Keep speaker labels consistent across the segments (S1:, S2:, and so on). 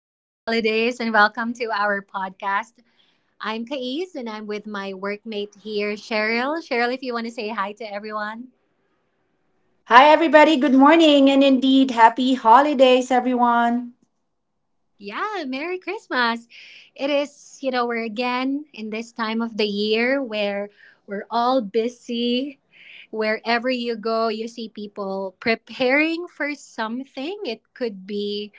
S1: Happy holidays and welcome to our podcast. I'm Kais and I'm with my workmate here, Cheryl. Cheryl, if you want to say hi to everyone.
S2: Hi, everybody. Good morning, and indeed, happy holidays, everyone.
S1: Yeah, Merry Christmas. It is, you know, we're again in this time of the year where we're all busy. Wherever you go, you see people preparing for something. It could be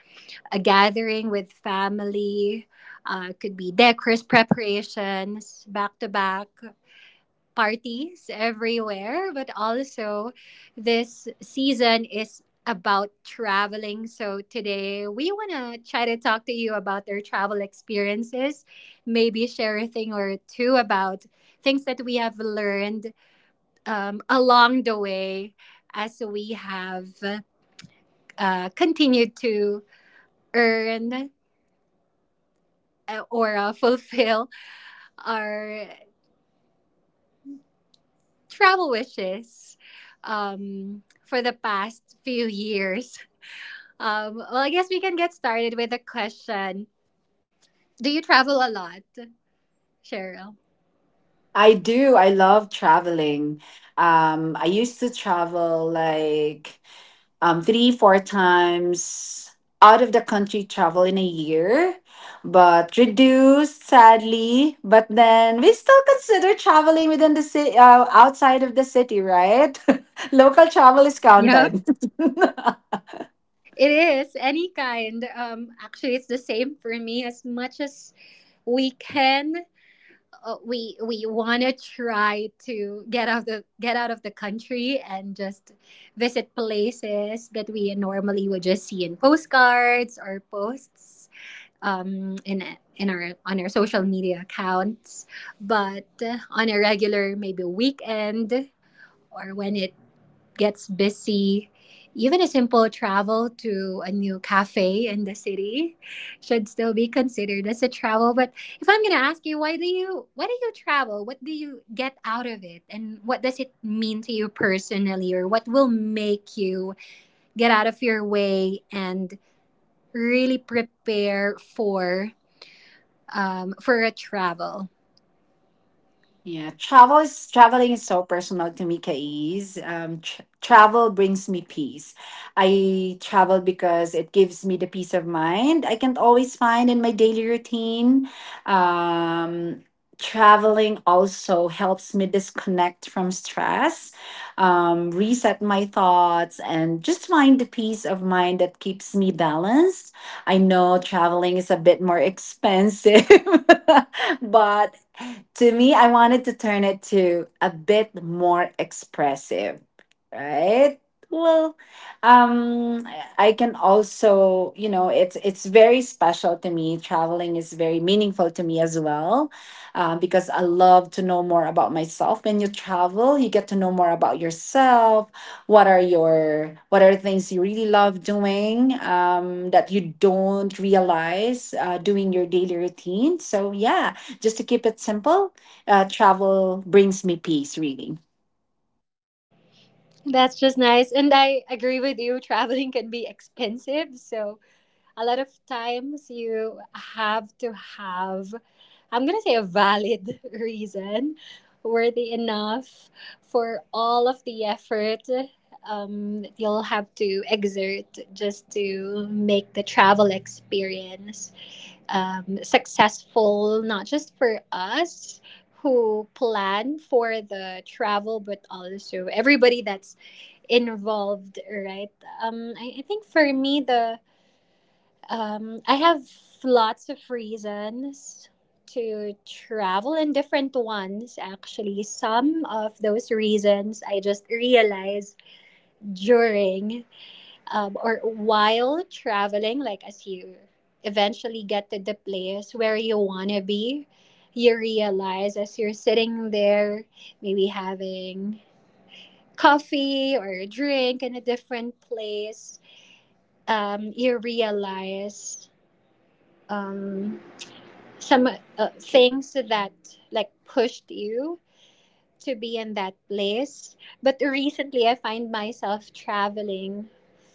S1: a gathering with family, it could be decors preparations back to back parties everywhere, but also this season is about traveling. So today we want to try to talk to you about their travel experiences, maybe share a thing or two about things that we have learned along the way as we have continued to earn or fulfill our travel wishes for the past few years. Well, I guess we can get started with a question. Do you travel a lot, Cheryl?
S2: I do. I love traveling. I used to travel like three, four times out of the country travel in a year, but reduced sadly. But then we still consider traveling within the city, outside of the city, right? Local travel is
S1: Yep.
S2: counted.
S1: It is any kind. Actually, it's the same for me. As much as we can, we want to try to get out of the country and just visit places that we normally would just see in postcards or posts. Um, in in our on our social media accounts, but on a regular maybe weekend or when it gets busy, even a simple travel to a new cafe in the city should still be considered as a travel. But if I'm gonna ask you, why do you travel? What do you get out of it, and what does it mean to you personally, or what will make you get out of your way and really prepare for a travel.
S2: Yeah, traveling is so personal to me, Kais. Tr travel brings me peace. I travel because it gives me the peace of mind I can't always find in my daily routine. Um, traveling also helps me disconnect from stress, reset my thoughts, and just find the peace of mind that keeps me balanced. I know traveling is a bit more expensive, but to me, I wanted to turn it to a bit more expressive, right? Well, um, I can also, it's very special to me. Traveling is very meaningful to me as well, because I love to know more about myself. When you travel, you get to know more about yourself. What are things you really love doing that you don't realize doing your daily routine? So yeah, just to keep it simple, travel brings me peace, really.
S1: That's just nice. And I agree with you, traveling can be expensive. So a lot of times you have to have I'm going to say a valid reason worthy enough for all of the effort that you'll have to exert just to make the travel experience successful, not just for us who plan for the travel but also everybody that's involved, right? I think for me the I have lots of reasons to travel, and different ones actually. Some of those reasons I just realized during or while traveling, like as you eventually get to the place where you want to be, you realize as you're sitting there, maybe having coffee or a drink in a different place, you realize. Um, some things that like pushed you to be in that place. But recently I find myself traveling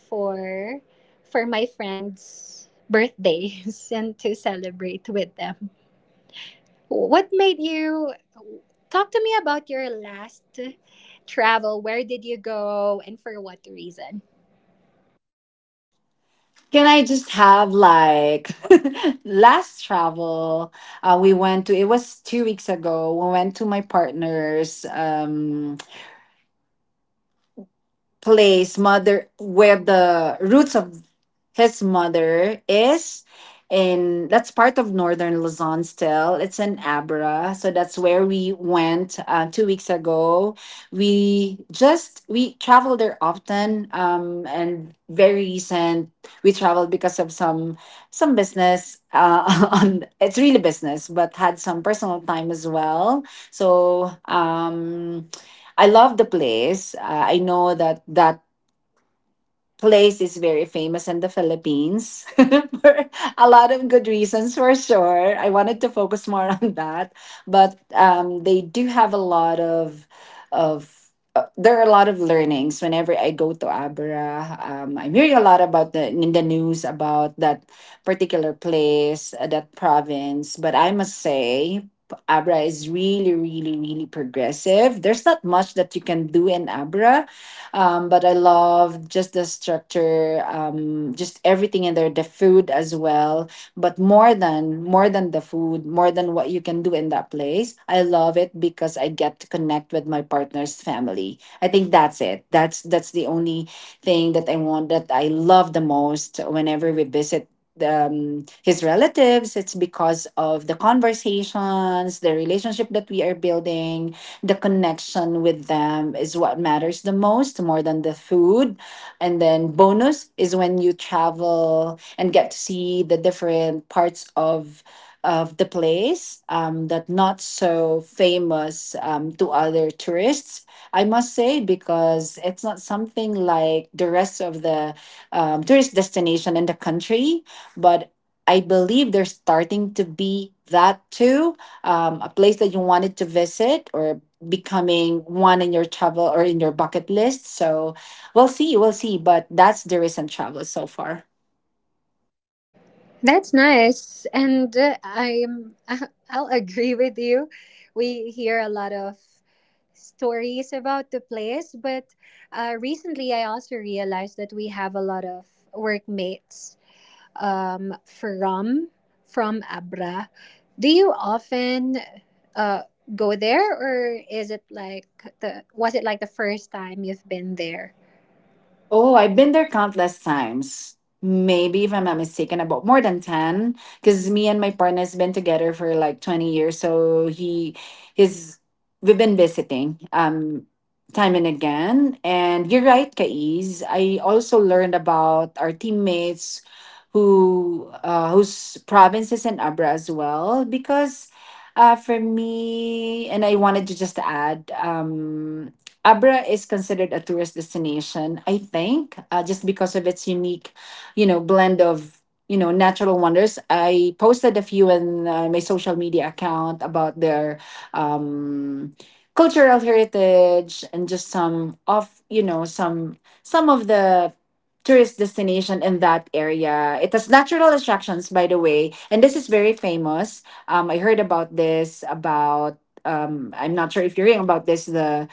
S1: for for my friends' birthdays and to celebrate with them. What made you talk to me about your last travel? Where did you go, and for what reason?
S2: Can I just have like last travel? We went to, it was 2 weeks ago. We went to my partner's, place, mother, where the roots of his mother is, and that's part of northern Luzon. Still It's in Abra, so that's where we went 2 weeks ago. We travel there often, and very recent we traveled because of some business, on it's really business, but had some personal time as well. so um I love the place. I know that place is very famous in the Philippines for a lot of good reasons, for sure. I wanted to focus more on that, but they do have a lot of there are a lot of learnings whenever I go to Abra. I'm hearing a lot about the in the news about that particular place, that province. But I must say, Abra is really, really, really progressive. There's not much that you can do in Abra, but I love just the structure, just everything in there, the food as well. But more than the food, more than what you can do in that place, I love it because I get to connect with my partner's family. I think that's it. That's the only thing that I want, that I love the most whenever we visit his relatives. It's because of the conversations, the relationship that we are building, the connection with them is what matters the most, more than the food. And then bonus is when you travel and get to see the different parts of the place, that not so famous, to other tourists, I must say, because it's not something like the rest of the, tourist destination in the country. But I believe there's starting to be that too. A place that you wanted to visit, or becoming one in your travel or in your bucket list. So we'll see, But that's the recent travel so far.
S1: That's nice, and I'm I'll agree with you. We hear a lot of stories about the place, but recently I also realized that we have a lot of workmates um, from from Abra. Do you often uh, go there, or is it like the was it like the first time you've been there?
S2: Oh, I've been there countless times. Maybe if I'm not mistaken, about more than 10. Because me and my partner's been together for like 20 years, so his, we've been visiting, time and again. And you're right, Kais. I also learned about our teammates, whose provinces in Abra as well, because. For me, and I wanted to just add, Abra is considered a tourist destination, I think, just because of its unique, you know, blend of natural wonders. I posted a few in my social media account about their, um, cultural heritage and just some of, some of the tourist destination in that area. It has natural attractions, by the way, and this is very famous. I heard about this about. I'm not sure if you're hearing about this. The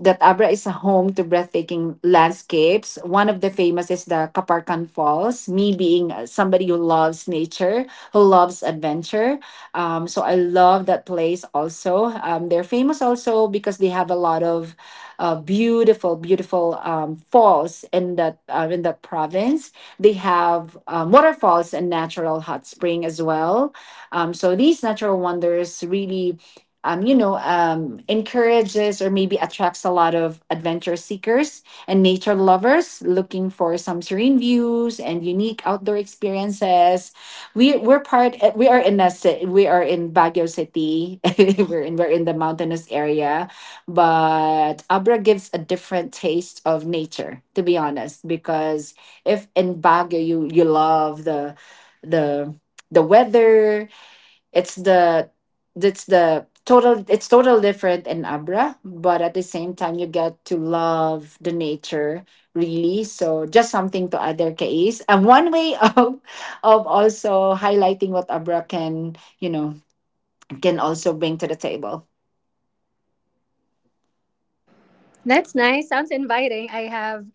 S2: That Abra is a home to breathtaking landscapes. One of the famous is the Kaparkan Falls. Me being somebody who loves nature, who loves adventure, so I love that place also. They're famous also because they have a lot of, beautiful, beautiful falls in that province. They have, waterfalls and natural hot spring as well. So these natural wonders really, encourages or maybe attracts a lot of adventure seekers and nature lovers looking for some serene views and unique outdoor experiences. We we're part. We are in we are in Baguio City. We're in the mountainous area, but Abra gives a different taste of nature. To be honest, because if in Baguio you love the the weather, it's the it's total different in Abra, but at the same time you get to love the nature really. So just something to add there, Kais. And one way of also highlighting what Abra can, you know, can also bring to the table.
S1: That's nice. Sounds inviting. I have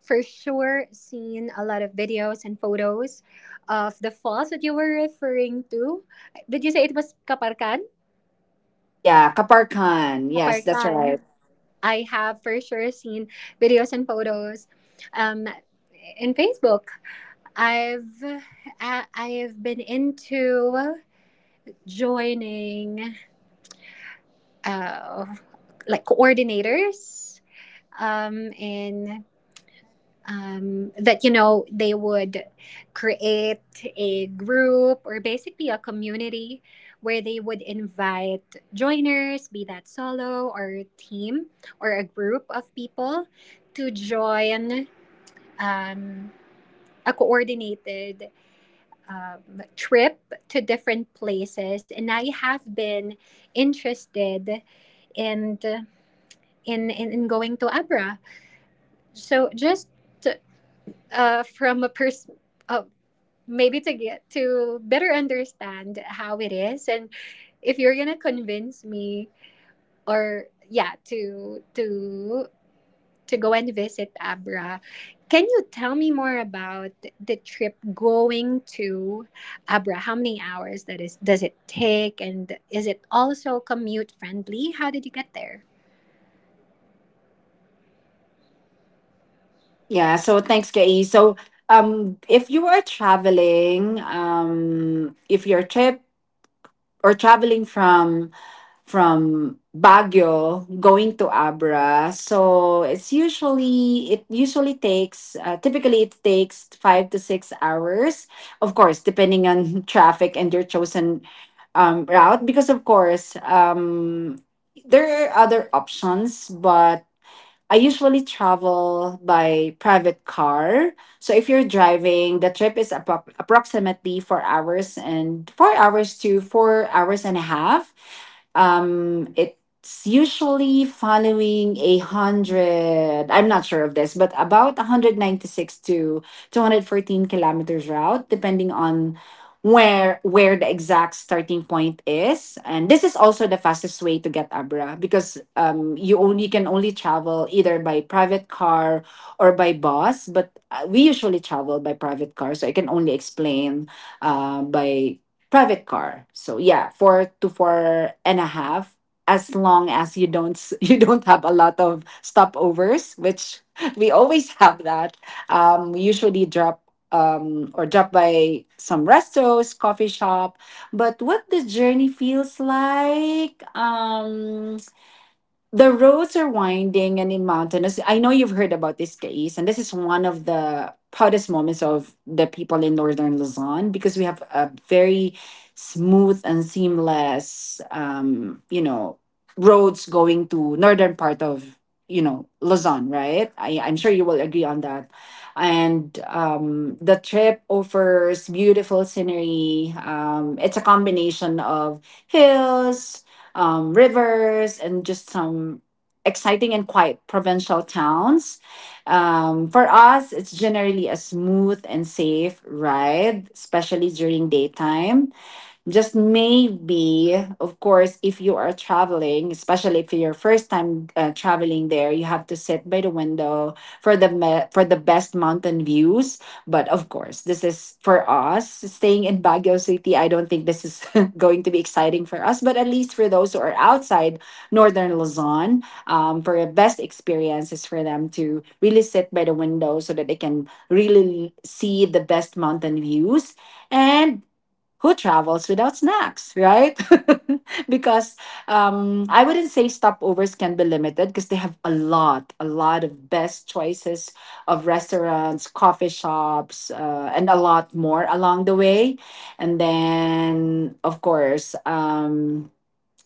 S1: for sure seen a lot of videos and photos of the falls that you were referring to. Did you say it was Kaparkan?
S2: Yeah, Kaparkan. Yes, that's right.
S1: Kaparkan. I have for sure seen videos and photos um, in Facebook. I've I've been into joining uh, like coordinators in that you know they would create a group, or basically a community, where they would invite joiners, be that solo or team or a group of people, to join um, a coordinated trip to different places. And I have been interested in going to Abra. So just from a person, maybe to get to better understand how it is, and if you're gonna convince me or, yeah, to go and visit Abra, can you tell me more about the trip going to Abra? How many hours that is, does it take, and is it also commute friendly? How did you get there?
S2: Yeah, so thanks, Kei. So if you are traveling, if your trip or traveling from Baguio going to Abra. So it's usually takes typically it takes 5 to 6 hours. Of course, depending on traffic and your chosen, route, because of course, there are other options, but I usually travel by private car. So if you're driving, the trip is approximately 4 hours and, 4 hours and a half. It's usually following a hundred. I'm not sure of this, but about 196 to 214 kilometers route, depending on where the exact starting point is, and this is also the fastest way to get Abra, because you only can only travel either by private car or by bus. But we usually travel by private car, so I can only explain by private car. So yeah, four to four and a half, as long as you don't you don't have a lot of stopovers, which we always have that. Um, we usually drop or drop by some restos, coffee shop. But what the journey feels like? The roads are winding and mountainous. I know you've heard about this case, and this is one of the proudest moments of the people in northern Luzon, because we have a very smooth and seamless, roads going to northern part of, Luzon, right? I'm sure you will agree on that. And the trip offers beautiful scenery. It's a combination of hills, rivers, and just some exciting and quiet provincial towns. For us, it's generally a smooth and safe ride, especially during daytime. Just maybe, of course, if you are traveling, especially if you're first time traveling there, you have to sit by the window for for the best mountain views. But of course, this is for us staying in Baguio City. I don't think this is going to be exciting for us, but at least for those who are outside northern Luzon, for the best experience is for them to really sit by the window, so that they can really see the best mountain views. And who travels without snacks, right? because I wouldn't say stopovers can be limited because they have a lot of best choices of restaurants, coffee shops, and a lot more along the way. And then, of course,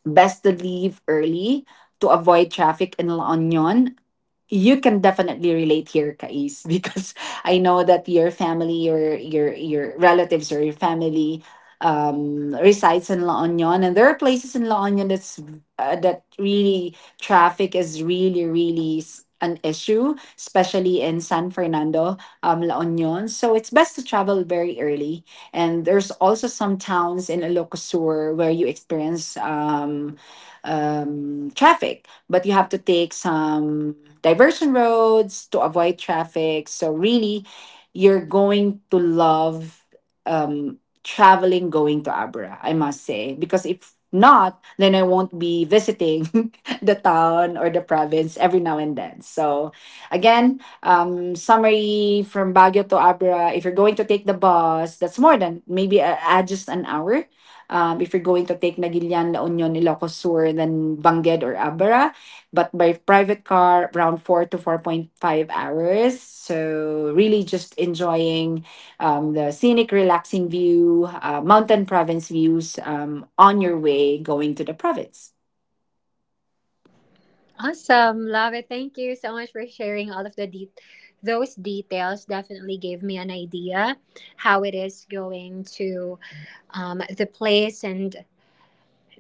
S2: best to leave early to avoid traffic in La Union. You can definitely relate here, Kais, because I know that your family, your relatives or your family, resides in La Union, and there are places in La Union that's that really traffic is really, really an issue, especially in San Fernando, La Union. So it's best to travel very early, and there's also some towns in Ilocosur where you experience, traffic, but you have to take some diversion roads to avoid traffic. So really, you're going to love, um, traveling going to Abra, I must say. Because if not, then I won't be visiting the town or the province every now and then. So again, summary from Baguio to Abra, if you're going to take the bus, that's more than maybe, add just an hour. If you're going to take Nagilian, La Union, Ilocos Sur, then Bangged or Abra, but by private car around 4 to 4.5 hours, so really just enjoying the scenic relaxing view, mountain province views on your way going to the province.
S1: Awesome. Love it. Thank you so much for sharing all of those details. Definitely gave me an idea how it is going to the place, and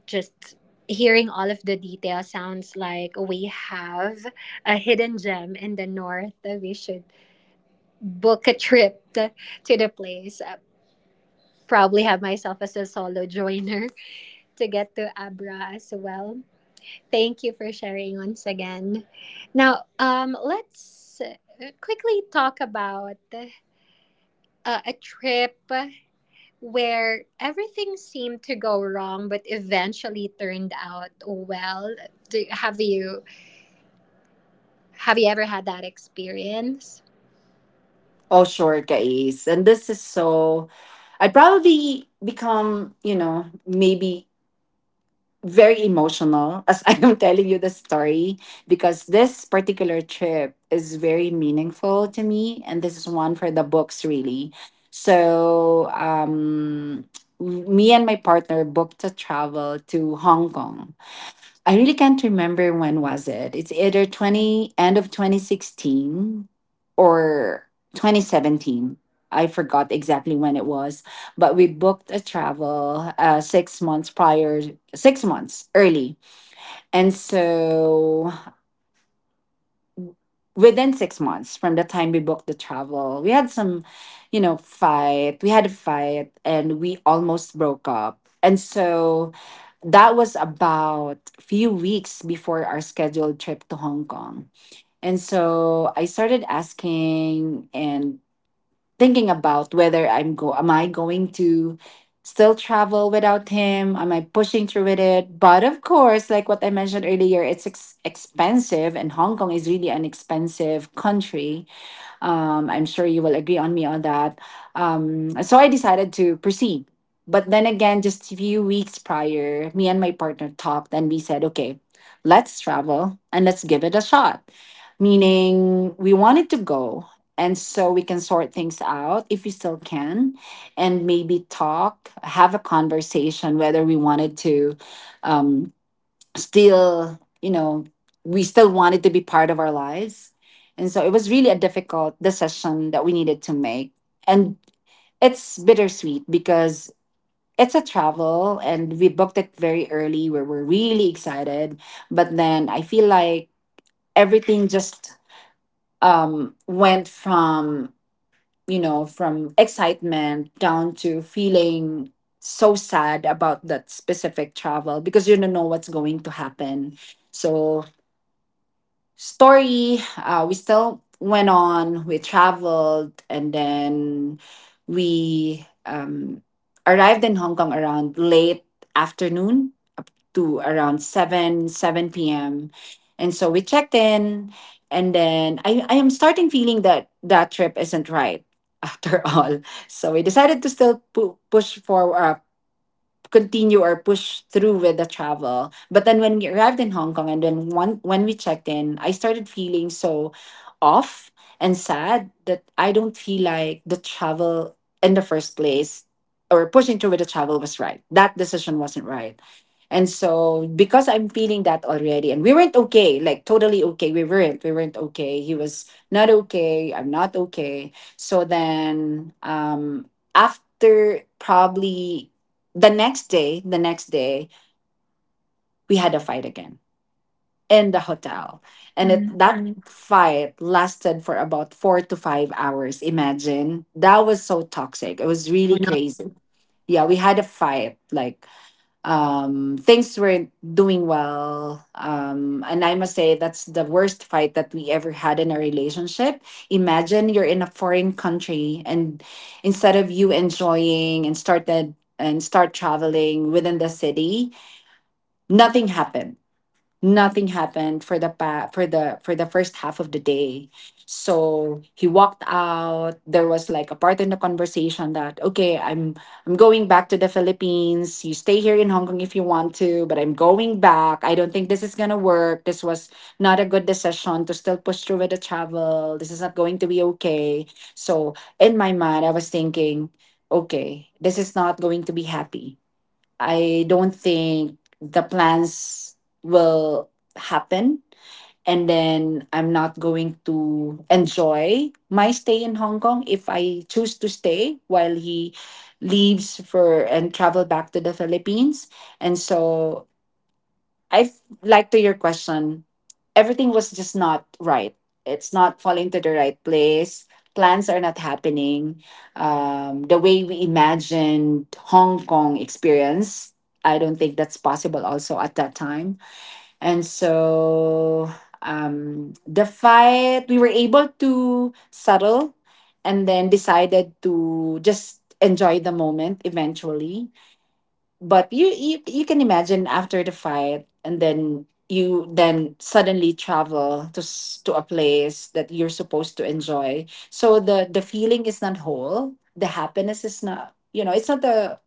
S1: just hearing all of the details sounds like we have a hidden gem in the north that we should book a trip to the place. Probably have myself as a solo joiner to get to Abra as well. Thank you for sharing once again. Now, let's quickly talk about a trip where everything seemed to go wrong, but eventually turned out well. Have you have you ever had that experience?
S2: Oh, sure, guys, and this is so, I'd probably become, maybe very emotional as I am telling you the story, because this particular trip is very meaningful to me, and this is one for the books, really. So, me and my partner booked a travel to Hong Kong. I really can't remember when was it. It's either 20 end of 2016 or 2017. I forgot exactly when it was, but we booked a travel six months prior, six months early. And so within six months from the time we booked the travel, we had some, fight. We had a fight and we almost broke up. And so that was about few weeks before our scheduled trip to Hong Kong. And so I started asking and thinking about whether I'm go am I going to still travel without him? Am I pushing through with it? But of course, like what I mentioned earlier, it's expensive and Hong Kong is really an expensive country. I'm sure you will agree on me on that. So I decided to proceed. But then again, just a few weeks prior, me and my partner talked and we said, okay, let's travel and let's give it a shot. Meaning, we wanted to go. And so we can sort things out if we still can, and maybe talk, have a conversation whether we wanted to. Um, Still, we still wanted to be part of our lives. And so it was really a difficult decision that we needed to make. And it's bittersweet because it's a travel and we booked it very early where we're really excited. But then I feel like everything just went from, from excitement down to feeling so sad about that specific travel because you don't know what's going to happen. So story. We still went on, we traveled, and then we arrived in Hong Kong around late afternoon, up to around 7, 7 p.m. And so we checked in, and then I am starting feeling that that trip isn't right after all. So we decided to still push for, continue or push through with the travel. But then when we arrived in Hong Kong and then one, when we checked in, I started feeling so off and sad that I don't feel like the travel in the first place or pushing through with the travel was right. That decision wasn't right. And so because I'm feeling that already and we weren't okay, like totally okay. We weren't. We weren't okay. He was not okay. I'm not okay. So then after probably the next day, we had a fight again in the hotel. And it,
S1: Mm.
S2: that fight lasted for about four to five hours. Imagine that was so toxic. It was
S1: Oh,
S2: really
S1: no.
S2: crazy. Yeah, we had a fight. Like things weren't doing well. And I must say, that's the worst fight that we ever had in a relationship. Imagine you're in a foreign country, and instead of you enjoying and started and start traveling within the city, nothing happened, nothing happened for the for the first half of the day. So he walked out. There was like a part in the conversation that, okay, I'm going back to the Philippines. You stay here in Hong Kong if you want to, but I'm going back. I don't think this is gonna work. This was not a good decision to still push through with the travel. This is not going to be okay. So in my mind I was thinking, okay, this is not going to be happy. I don't think the plans will happen. And then I'm not going to enjoy my stay in Hong Kong if I choose to stay while he leaves for and travel back to the Philippines. And so like to your question. Everything was just not right. It's not falling to the right place. Plans are not happening. The way we imagined Hong Kong experience, I don't think that's possible also at that time. And so the fight, we were able to settle and then decided to just enjoy the moment eventually, but you can imagine after the fight and then you then suddenly travel to to a place that you're supposed to enjoy, so the feeling is not whole, the happiness is not, it's not the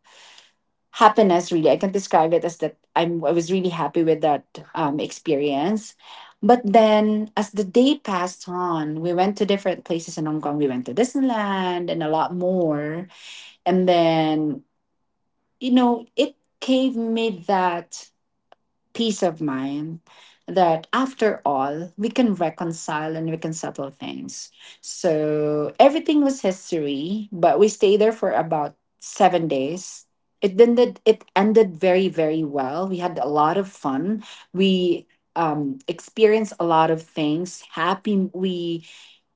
S2: happiness, really. I can describe it as that, I was really happy with that experience. But then as the day passed on, we went to different places in Hong Kong, we went to Disneyland and a lot more. And then, it gave me that peace of mind that after all, we can reconcile and we can settle things. So everything was history, but we stayed there for about seven days. It ended very, very well. We had a lot of fun. We experienced a lot of things. Happy, we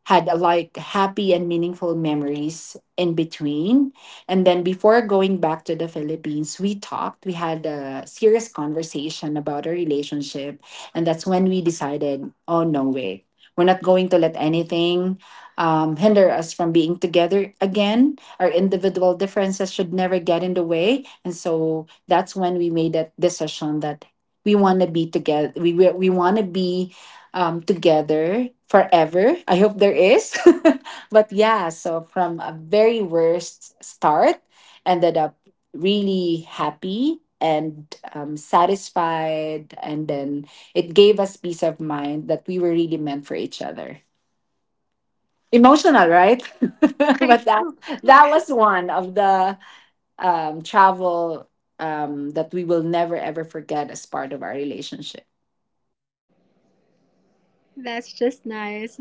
S2: had a, like happy and meaningful memories in between. And then before going back to the Philippines, we talked. We had a serious conversation about our relationship. And that's when we decided, oh, no way. We're not going to let anything hinder us from being together again. Our individual differences should never get in the way. And so that's when we made that decision that we want to be together. We want to be together forever. I hope there is. But yeah, so from a very worst start, ended up really happy and satisfied. And then it gave us peace of mind that we were really meant for each other. Emotional, right?
S1: Okay,
S2: But that was one of the travel that we will never ever forget as part of our relationship.
S1: that's just nice.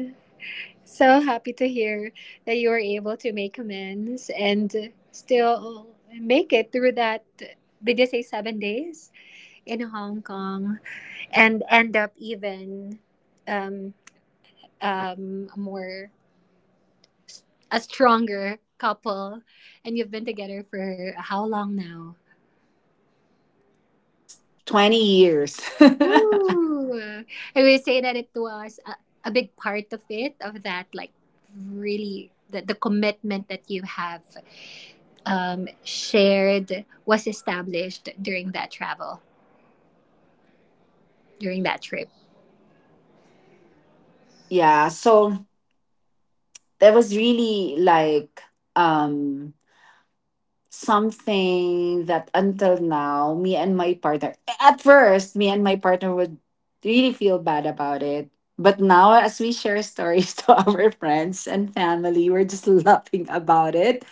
S1: So happy to hear that you were able to make amends and still make it through that. Did you say 7 days? In Hong Kong, and end up even um a more a stronger couple, and you've been together for how long now?
S2: 20 years.
S1: Woo! I would say that it was a big part of it, of that, like really the commitment that you have shared was established during that travel, during that trip.
S2: Yeah, so that was really like um something that until now me and my partner, at first me and my partner would really feel bad about it. But now as we share stories to our friends and family, we're just laughing about it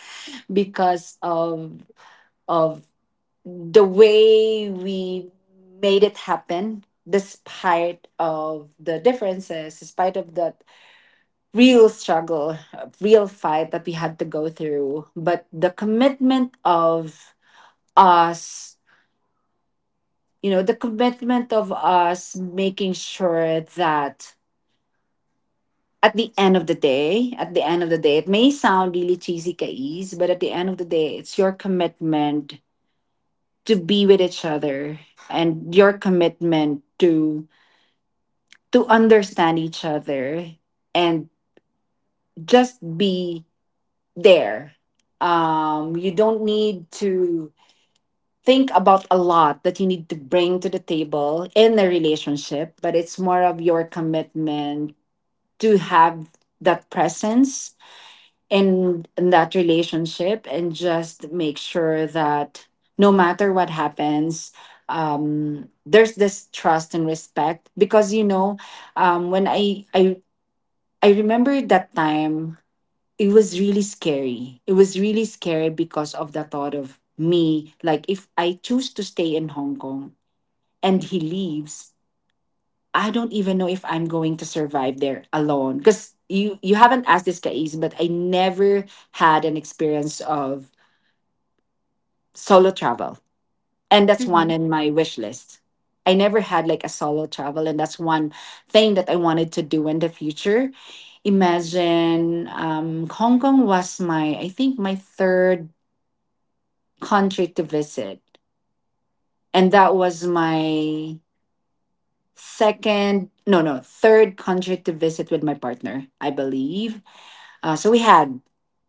S2: because of the way we made it happen despite of the differences, despite of that real struggle, real fight that we had to go through. But the commitment of us, you know, the commitment of us making sure that at the end of the day, it may sound really cheesy, Kais, but at the end of the day it's your commitment to be with each other and your commitment to understand each other and just be there. You don't need to think about a lot that you need to bring to the table in a relationship, but it's more of your commitment to have that presence in that relationship and just make sure that no matter what happens, there's this trust and respect. Because you know, when I remember that time, it was really scary. It was really scary because of the thought of me. Like, if I choose to stay in Hong Kong and he leaves, I don't even know if I'm going to survive there alone. Because you haven't asked this, Kais, but I never had an experience of solo travel. And that's one
S1: Mm-hmm.
S2: in my wish list. I never had like a solo travel, and that's one thing that I wanted to do in the future. Imagine Hong Kong was my, I think my third country to visit, and that was my second, no, third country to visit with my partner, I believe. So we had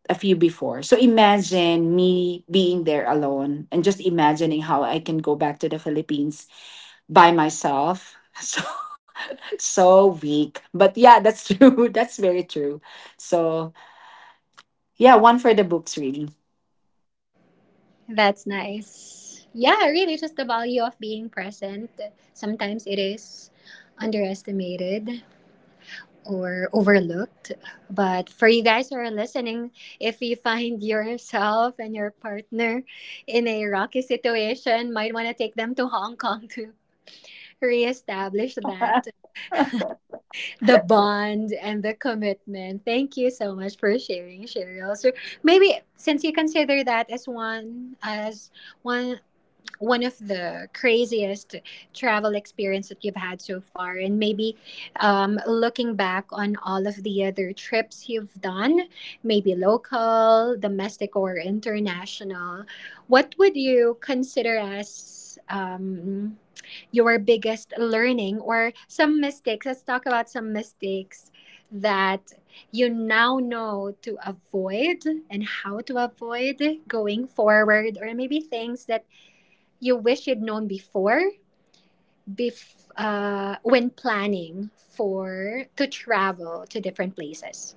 S2: a few before, so imagine me being there alone and just imagining how I can go back to the Philippines by myself. So. So weak. But yeah, that's true. That's very true. So yeah, one for the books, really.
S1: That's nice. Yeah, really, just the value of being present. Sometimes it is underestimated or overlooked. But for you guys who are listening, if you find yourself and your partner in a rocky situation, might want to take them to Hong Kong to reestablish that the bond and the commitment. Thank you so much for sharing, Cheryl. So maybe since you consider that as one one of the craziest travel experience that you've had so far, and maybe looking back on all of the other trips you've done, maybe local, domestic, or international, what would you consider as your biggest learning, or some mistakes? Let's talk about some mistakes that you now know to avoid and how to avoid going forward, or maybe things that you wish you'd known before when planning for to travel to different places.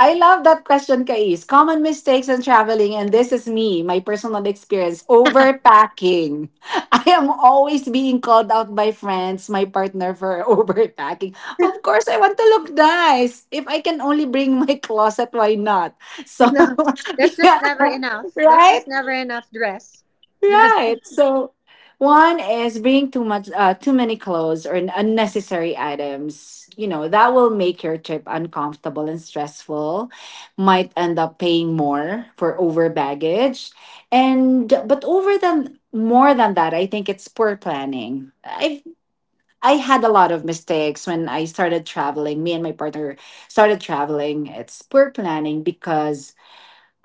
S2: I love that question, Kais. Common mistakes in traveling, and this is me, my personal experience.
S1: I
S2: Overpacking. I am always being called out by friends, my partner for overpacking. Of course, I want to look nice. If I can only bring my closet, why not? So
S1: know. There's just
S2: yeah,
S1: never enough. There's
S2: right?
S1: just never enough dress. Dress.
S2: Right. So one is bring too much, too many clothes or unnecessary items. You know that will make your trip uncomfortable and stressful. Might end up paying more for over baggage, and but over than more than that, I think it's poor planning. I had a lot of mistakes when I started traveling. Me and my partner started traveling. It's poor planning because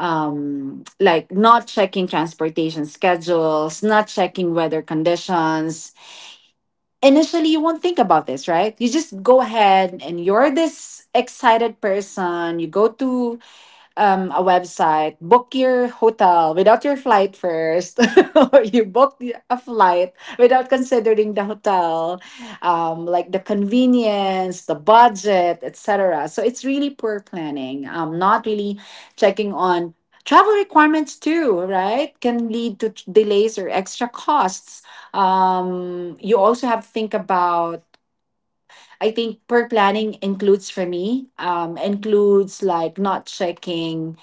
S2: like not checking transportation schedules, not checking weather conditions. Initially you won't think about this, right? You just go ahead and you're this excited person. You go to a website, book your hotel without your flight first. Or you booked a flight without considering the hotel, like the convenience, the budget, etc. So it's really poor planning, not really checking on travel requirements too, right? Can lead to delays or extra costs. You also have to think about, I think per planning includes, for me, includes like not checking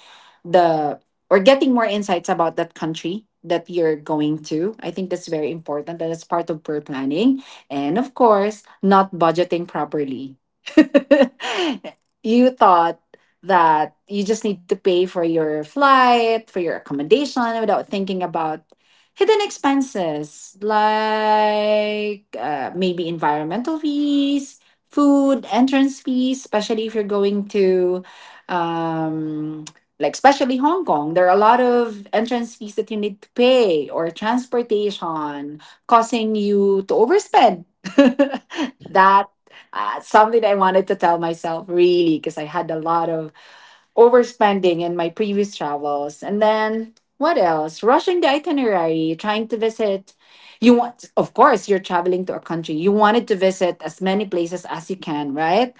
S2: the, or getting more insights about that country that you're going to. I think that's very important. That is part of per planning. And of course, not budgeting properly. You thought that you just need to pay for your flight, for your accommodation without thinking about hidden expenses like, maybe environmental fees, food, entrance fees, especially if you're going to, um, like, especially Hong Kong, there are a lot of entrance fees that you need to pay, or transportation, causing you to overspend. That, something I wanted to tell myself really, because I had a lot of overspending in my previous travels. And then what else? Rushing the itinerary, trying to visit. You want, of course, you're traveling to a country, you wanted to visit as many places as you can, right?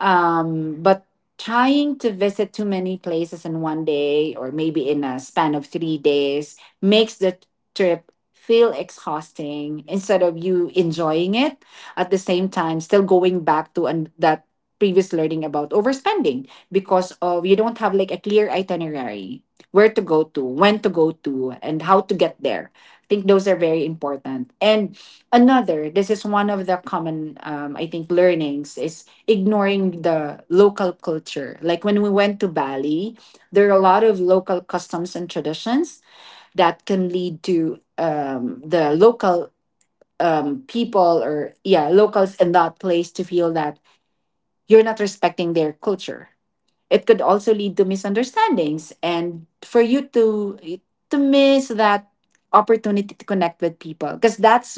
S2: But trying to visit too many places in 1 day or maybe in a span of 3 days makes the trip feel exhausting instead of you enjoying it. At the same time, still going back to an, that previous learning about overspending, because of you don't have like a clear itinerary, where to go to, when to go to, and how to get there. I think those are very important. And another, this is one of the common, I think, learnings is ignoring the local culture, like when we went to Bali, there are a lot of local customs and traditions that can lead to, the local, people, or yeah, locals in that place to feel that you're not respecting their culture. It could also lead to misunderstandings, and for you to miss that opportunity to connect with people, because that's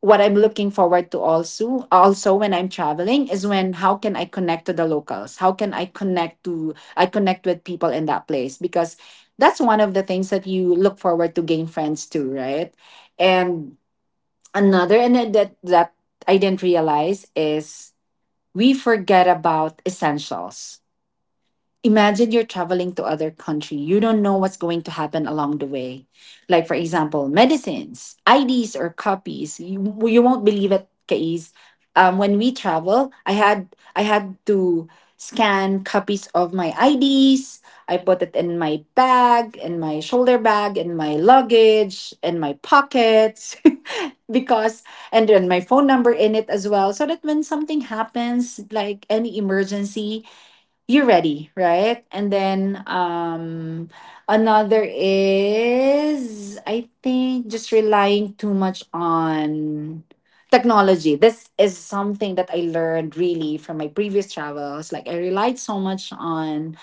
S2: what I'm looking forward to also. Also when I'm traveling is when how can I connect to the locals? How can I connect to, I connect with people in that place, because that's one of the things that you look forward to, gain friends to, right? And another, and then that I didn't realize is we forget about essentials. Imagine you're traveling to other country, you don't know what's going to happen along the way, like for example medicines, IDs, or copies. You won't believe it, Kais. When we travel, I had to scan copies of my IDs. I put it in my bag, in my shoulder bag, in my luggage, in my pockets, because, and then my phone number in it as well, so that when something happens, like any emergency, you're ready, right? And then another is, I think, just relying too much on technology. This is something that I learned really from my previous travels. Like I relied so much on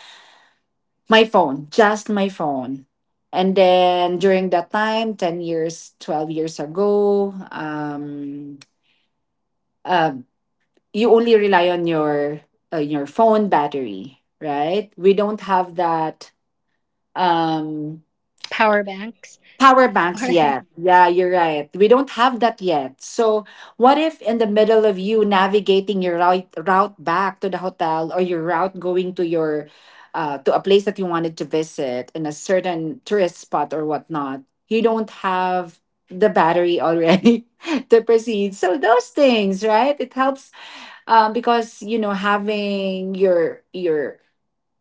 S2: my phone, just my phone. And then during that time, 10 years, 12 years ago, uh, you only rely on your, your phone battery, right? We don't have that um
S1: Power banks.
S2: power
S1: All
S2: banks
S1: right.
S2: yet. Yeah, you're right. We don't have that yet. So, what if in the middle of you navigating your route, route back to the hotel, or your route going to your, to a place that you wanted to visit in a certain tourist spot or whatnot, you don't have the battery already to proceed. So those things, right? It helps, because you know, having your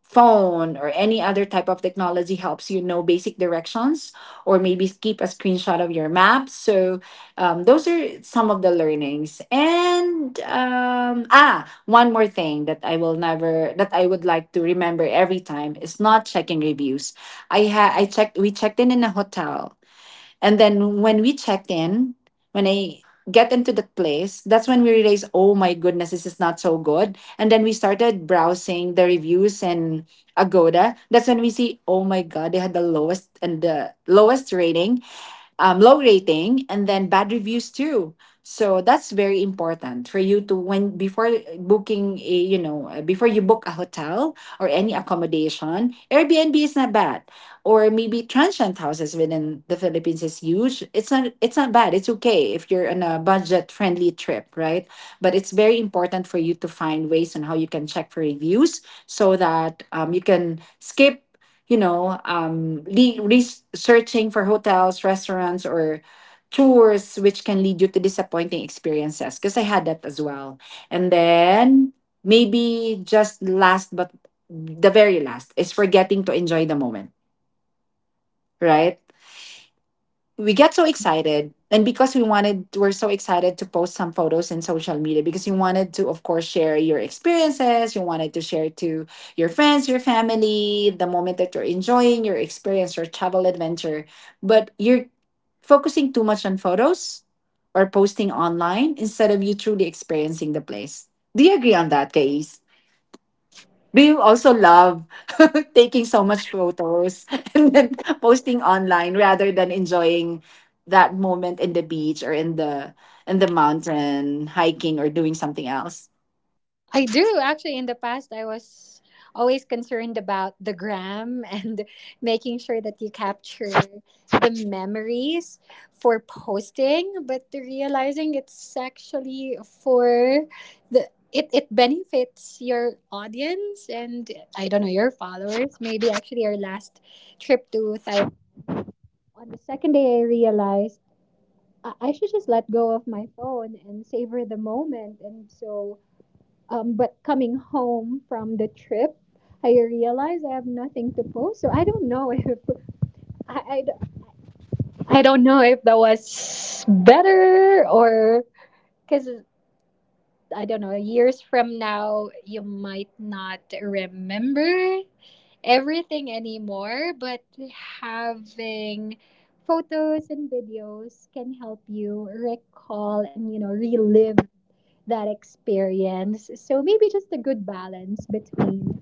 S2: phone or any other type of technology helps you know basic directions, or maybe keep a screenshot of your map. So, those are some of the learnings. And ah, one more thing that I will never, that I would like to remember every time, is not checking reviews. I checked, we checked in a hotel, and then when we checked in, when I get into the place, that's when we realized, oh my goodness, this is not so good. And then we started browsing the reviews and Agoda. That's when we see, oh my god, they had the lowest and the lowest rating, low rating, and then bad reviews too. So that's very important for you to, when before booking a, you know, before you book a hotel or any accommodation. Airbnb is not bad, or maybe transient houses within the Philippines is huge, it's not, it's not bad, it's okay if you're on a budget friendly trip, right? But it's very important for you to find ways on how you can check for reviews, so that, you can skip, you know, researching for hotels, restaurants, or tours, which can lead you to disappointing experiences. Because I had that as well. And then maybe just last, but the very last, is forgetting to enjoy the moment, right? We get so excited, and because we wanted, we're so excited to post some photos in social media, because you wanted to, of course, share your experiences, you wanted to share to your friends, your family, the moment that you're enjoying your experience, your travel adventure. But you're focusing too much on photos or posting online instead of you truly experiencing the place. Do you agree on that, guys? Do you also love taking so much photos and then posting online rather than enjoying that moment in the beach, or in the, in the mountain hiking, or doing something else?
S1: I do actually. In the past, I was always concerned about the gram and making sure that you capture the memories for posting, but realizing it's actually for the it, it benefits your audience and I don't know your followers. Maybe actually our last trip to Taiwan, on the second day I realized I should just let go of my phone and savor the moment. And so but coming home from the trip, I realized I have nothing to post. So I don't know if I, I, I don't know if that was better, or because I don't know. Years from now, you might not remember everything anymore, but having photos and videos can help you recall and you know relive that experience. So maybe just a good balance between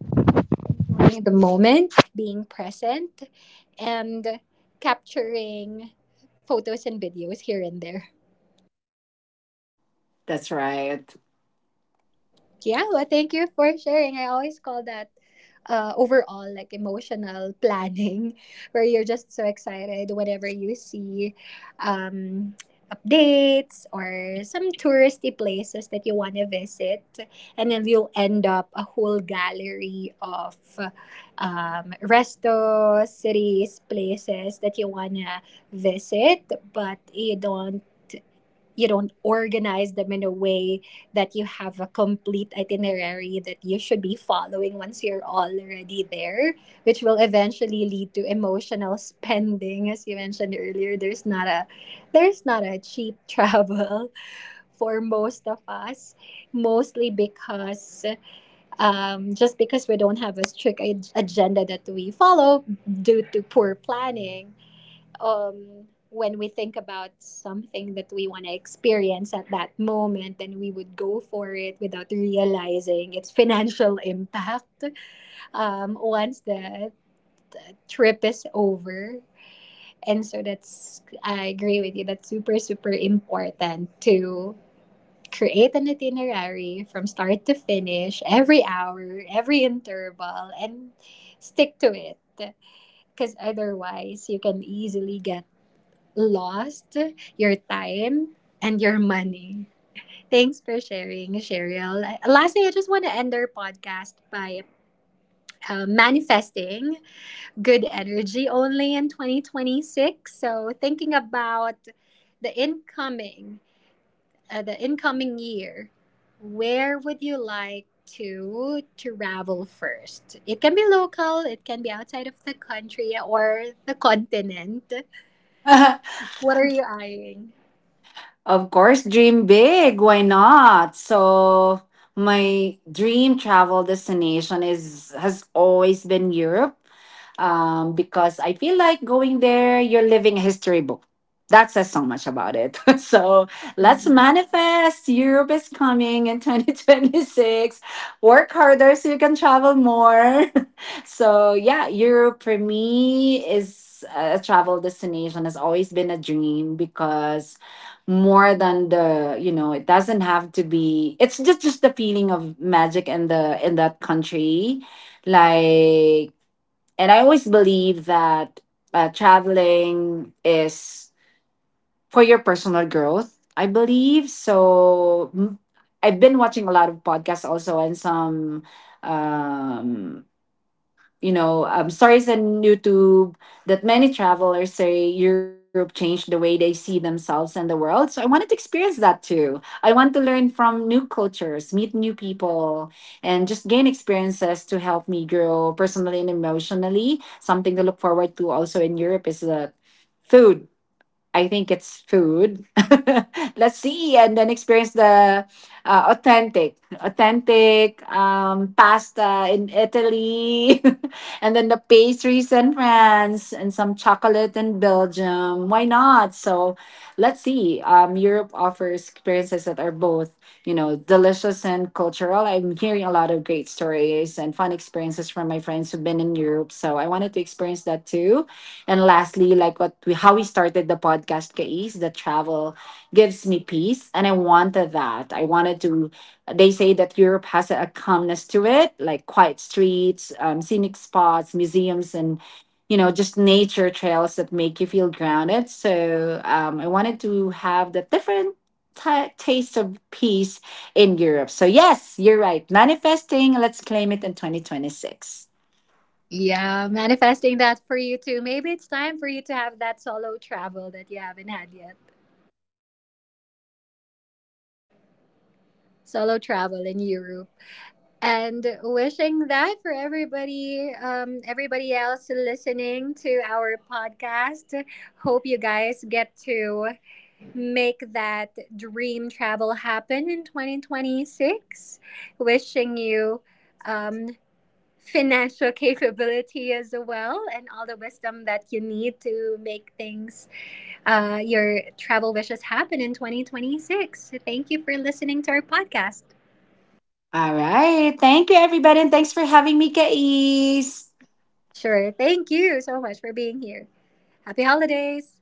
S1: enjoying the moment, being present, and capturing photos and videos here and there.
S2: That's right.
S1: Yeah, well, thank you for sharing. I always call that overall like emotional planning, where you're just so excited whenever you see um, updates or some touristy places that you want to visit, and then you'll end up a whole gallery of resto, cities, places that you wanna visit, but you don't organize them in a way that you have a complete itinerary that you should be following once you're already there, which will eventually lead to emotional spending. As you mentioned earlier, there's not a cheap travel for most of us, mostly because just because we don't have a strict agenda that we follow due to poor planning. When we think about something that we want to experience at that moment, then we would go for it without realizing its financial impact once the trip is over. And so that's, I agree with you, that's super, super important to create an itinerary from start to finish, every hour, every interval, and stick to it, because otherwise you can easily get lost your time and your money. Thanks for sharing, Cheryl. Lastly, I just want to end our podcast by manifesting good energy only in 2026. So, thinking about the incoming, the incoming year, where would you like to travel first? It can be local, it can be outside of the country or the continent. What are you eyeing?
S2: Of course, dream big. Why not? So my dream travel destination is, has always been Europe, because I feel like going there, you're living a history book. That says so much about it. So let's
S1: Mm.
S2: manifest. Europe is coming in 2026. Work harder so you can travel more. So, yeah, Europe for me is, a travel destination, has always been a dream, because more than the, you know, it doesn't have to be, it's just the feeling of magic in the, in that country, like, and I always believe that, traveling is for your personal growth, I believe. So, mm, I've been watching a lot of podcasts also, and some, um, you know, stories on YouTube that many travelers say Europe changed the way they see themselves and the world. So I wanted to experience that too. I want to learn from new cultures, meet new people, and just gain experiences to help me grow personally and emotionally. Something to look forward to also in Europe is the food. I think it's food. Let's see, and then experience the, authentic pasta in Italy, and then the pastries in France, and some chocolate in Belgium. Why not? So let's see. Europe offers experiences that are both, you know, delicious and cultural. I'm hearing a lot of great stories and fun experiences from my friends who've been in Europe, so I wanted to experience that too. And lastly, like what we, how we started the podcast, Kay, is the travel gives me peace, and I wanted that. I wanted to. They say that Europe has a calmness to it, like quiet streets, scenic spots, museums, and you know, just nature trails that make you feel grounded. So, I wanted to have the different taste of peace in Europe. So, yes, you're right. Manifesting, let's claim it in 2026.
S1: Yeah, manifesting that for you too. Maybe it's time for you to have that solo travel that you haven't had yet. Solo travel in Europe. And wishing that for everybody, everybody else listening to our podcast. Hope you guys get to make that dream travel happen in 2026. Wishing you um, financial capability as well and all the wisdom that you need to make things your travel wishes happen in 2026. Thank you for listening to our podcast.
S2: All right. Thank you, everybody. And thanks for having me, Kais.
S1: Sure. Thank you so much for being here. Happy holidays.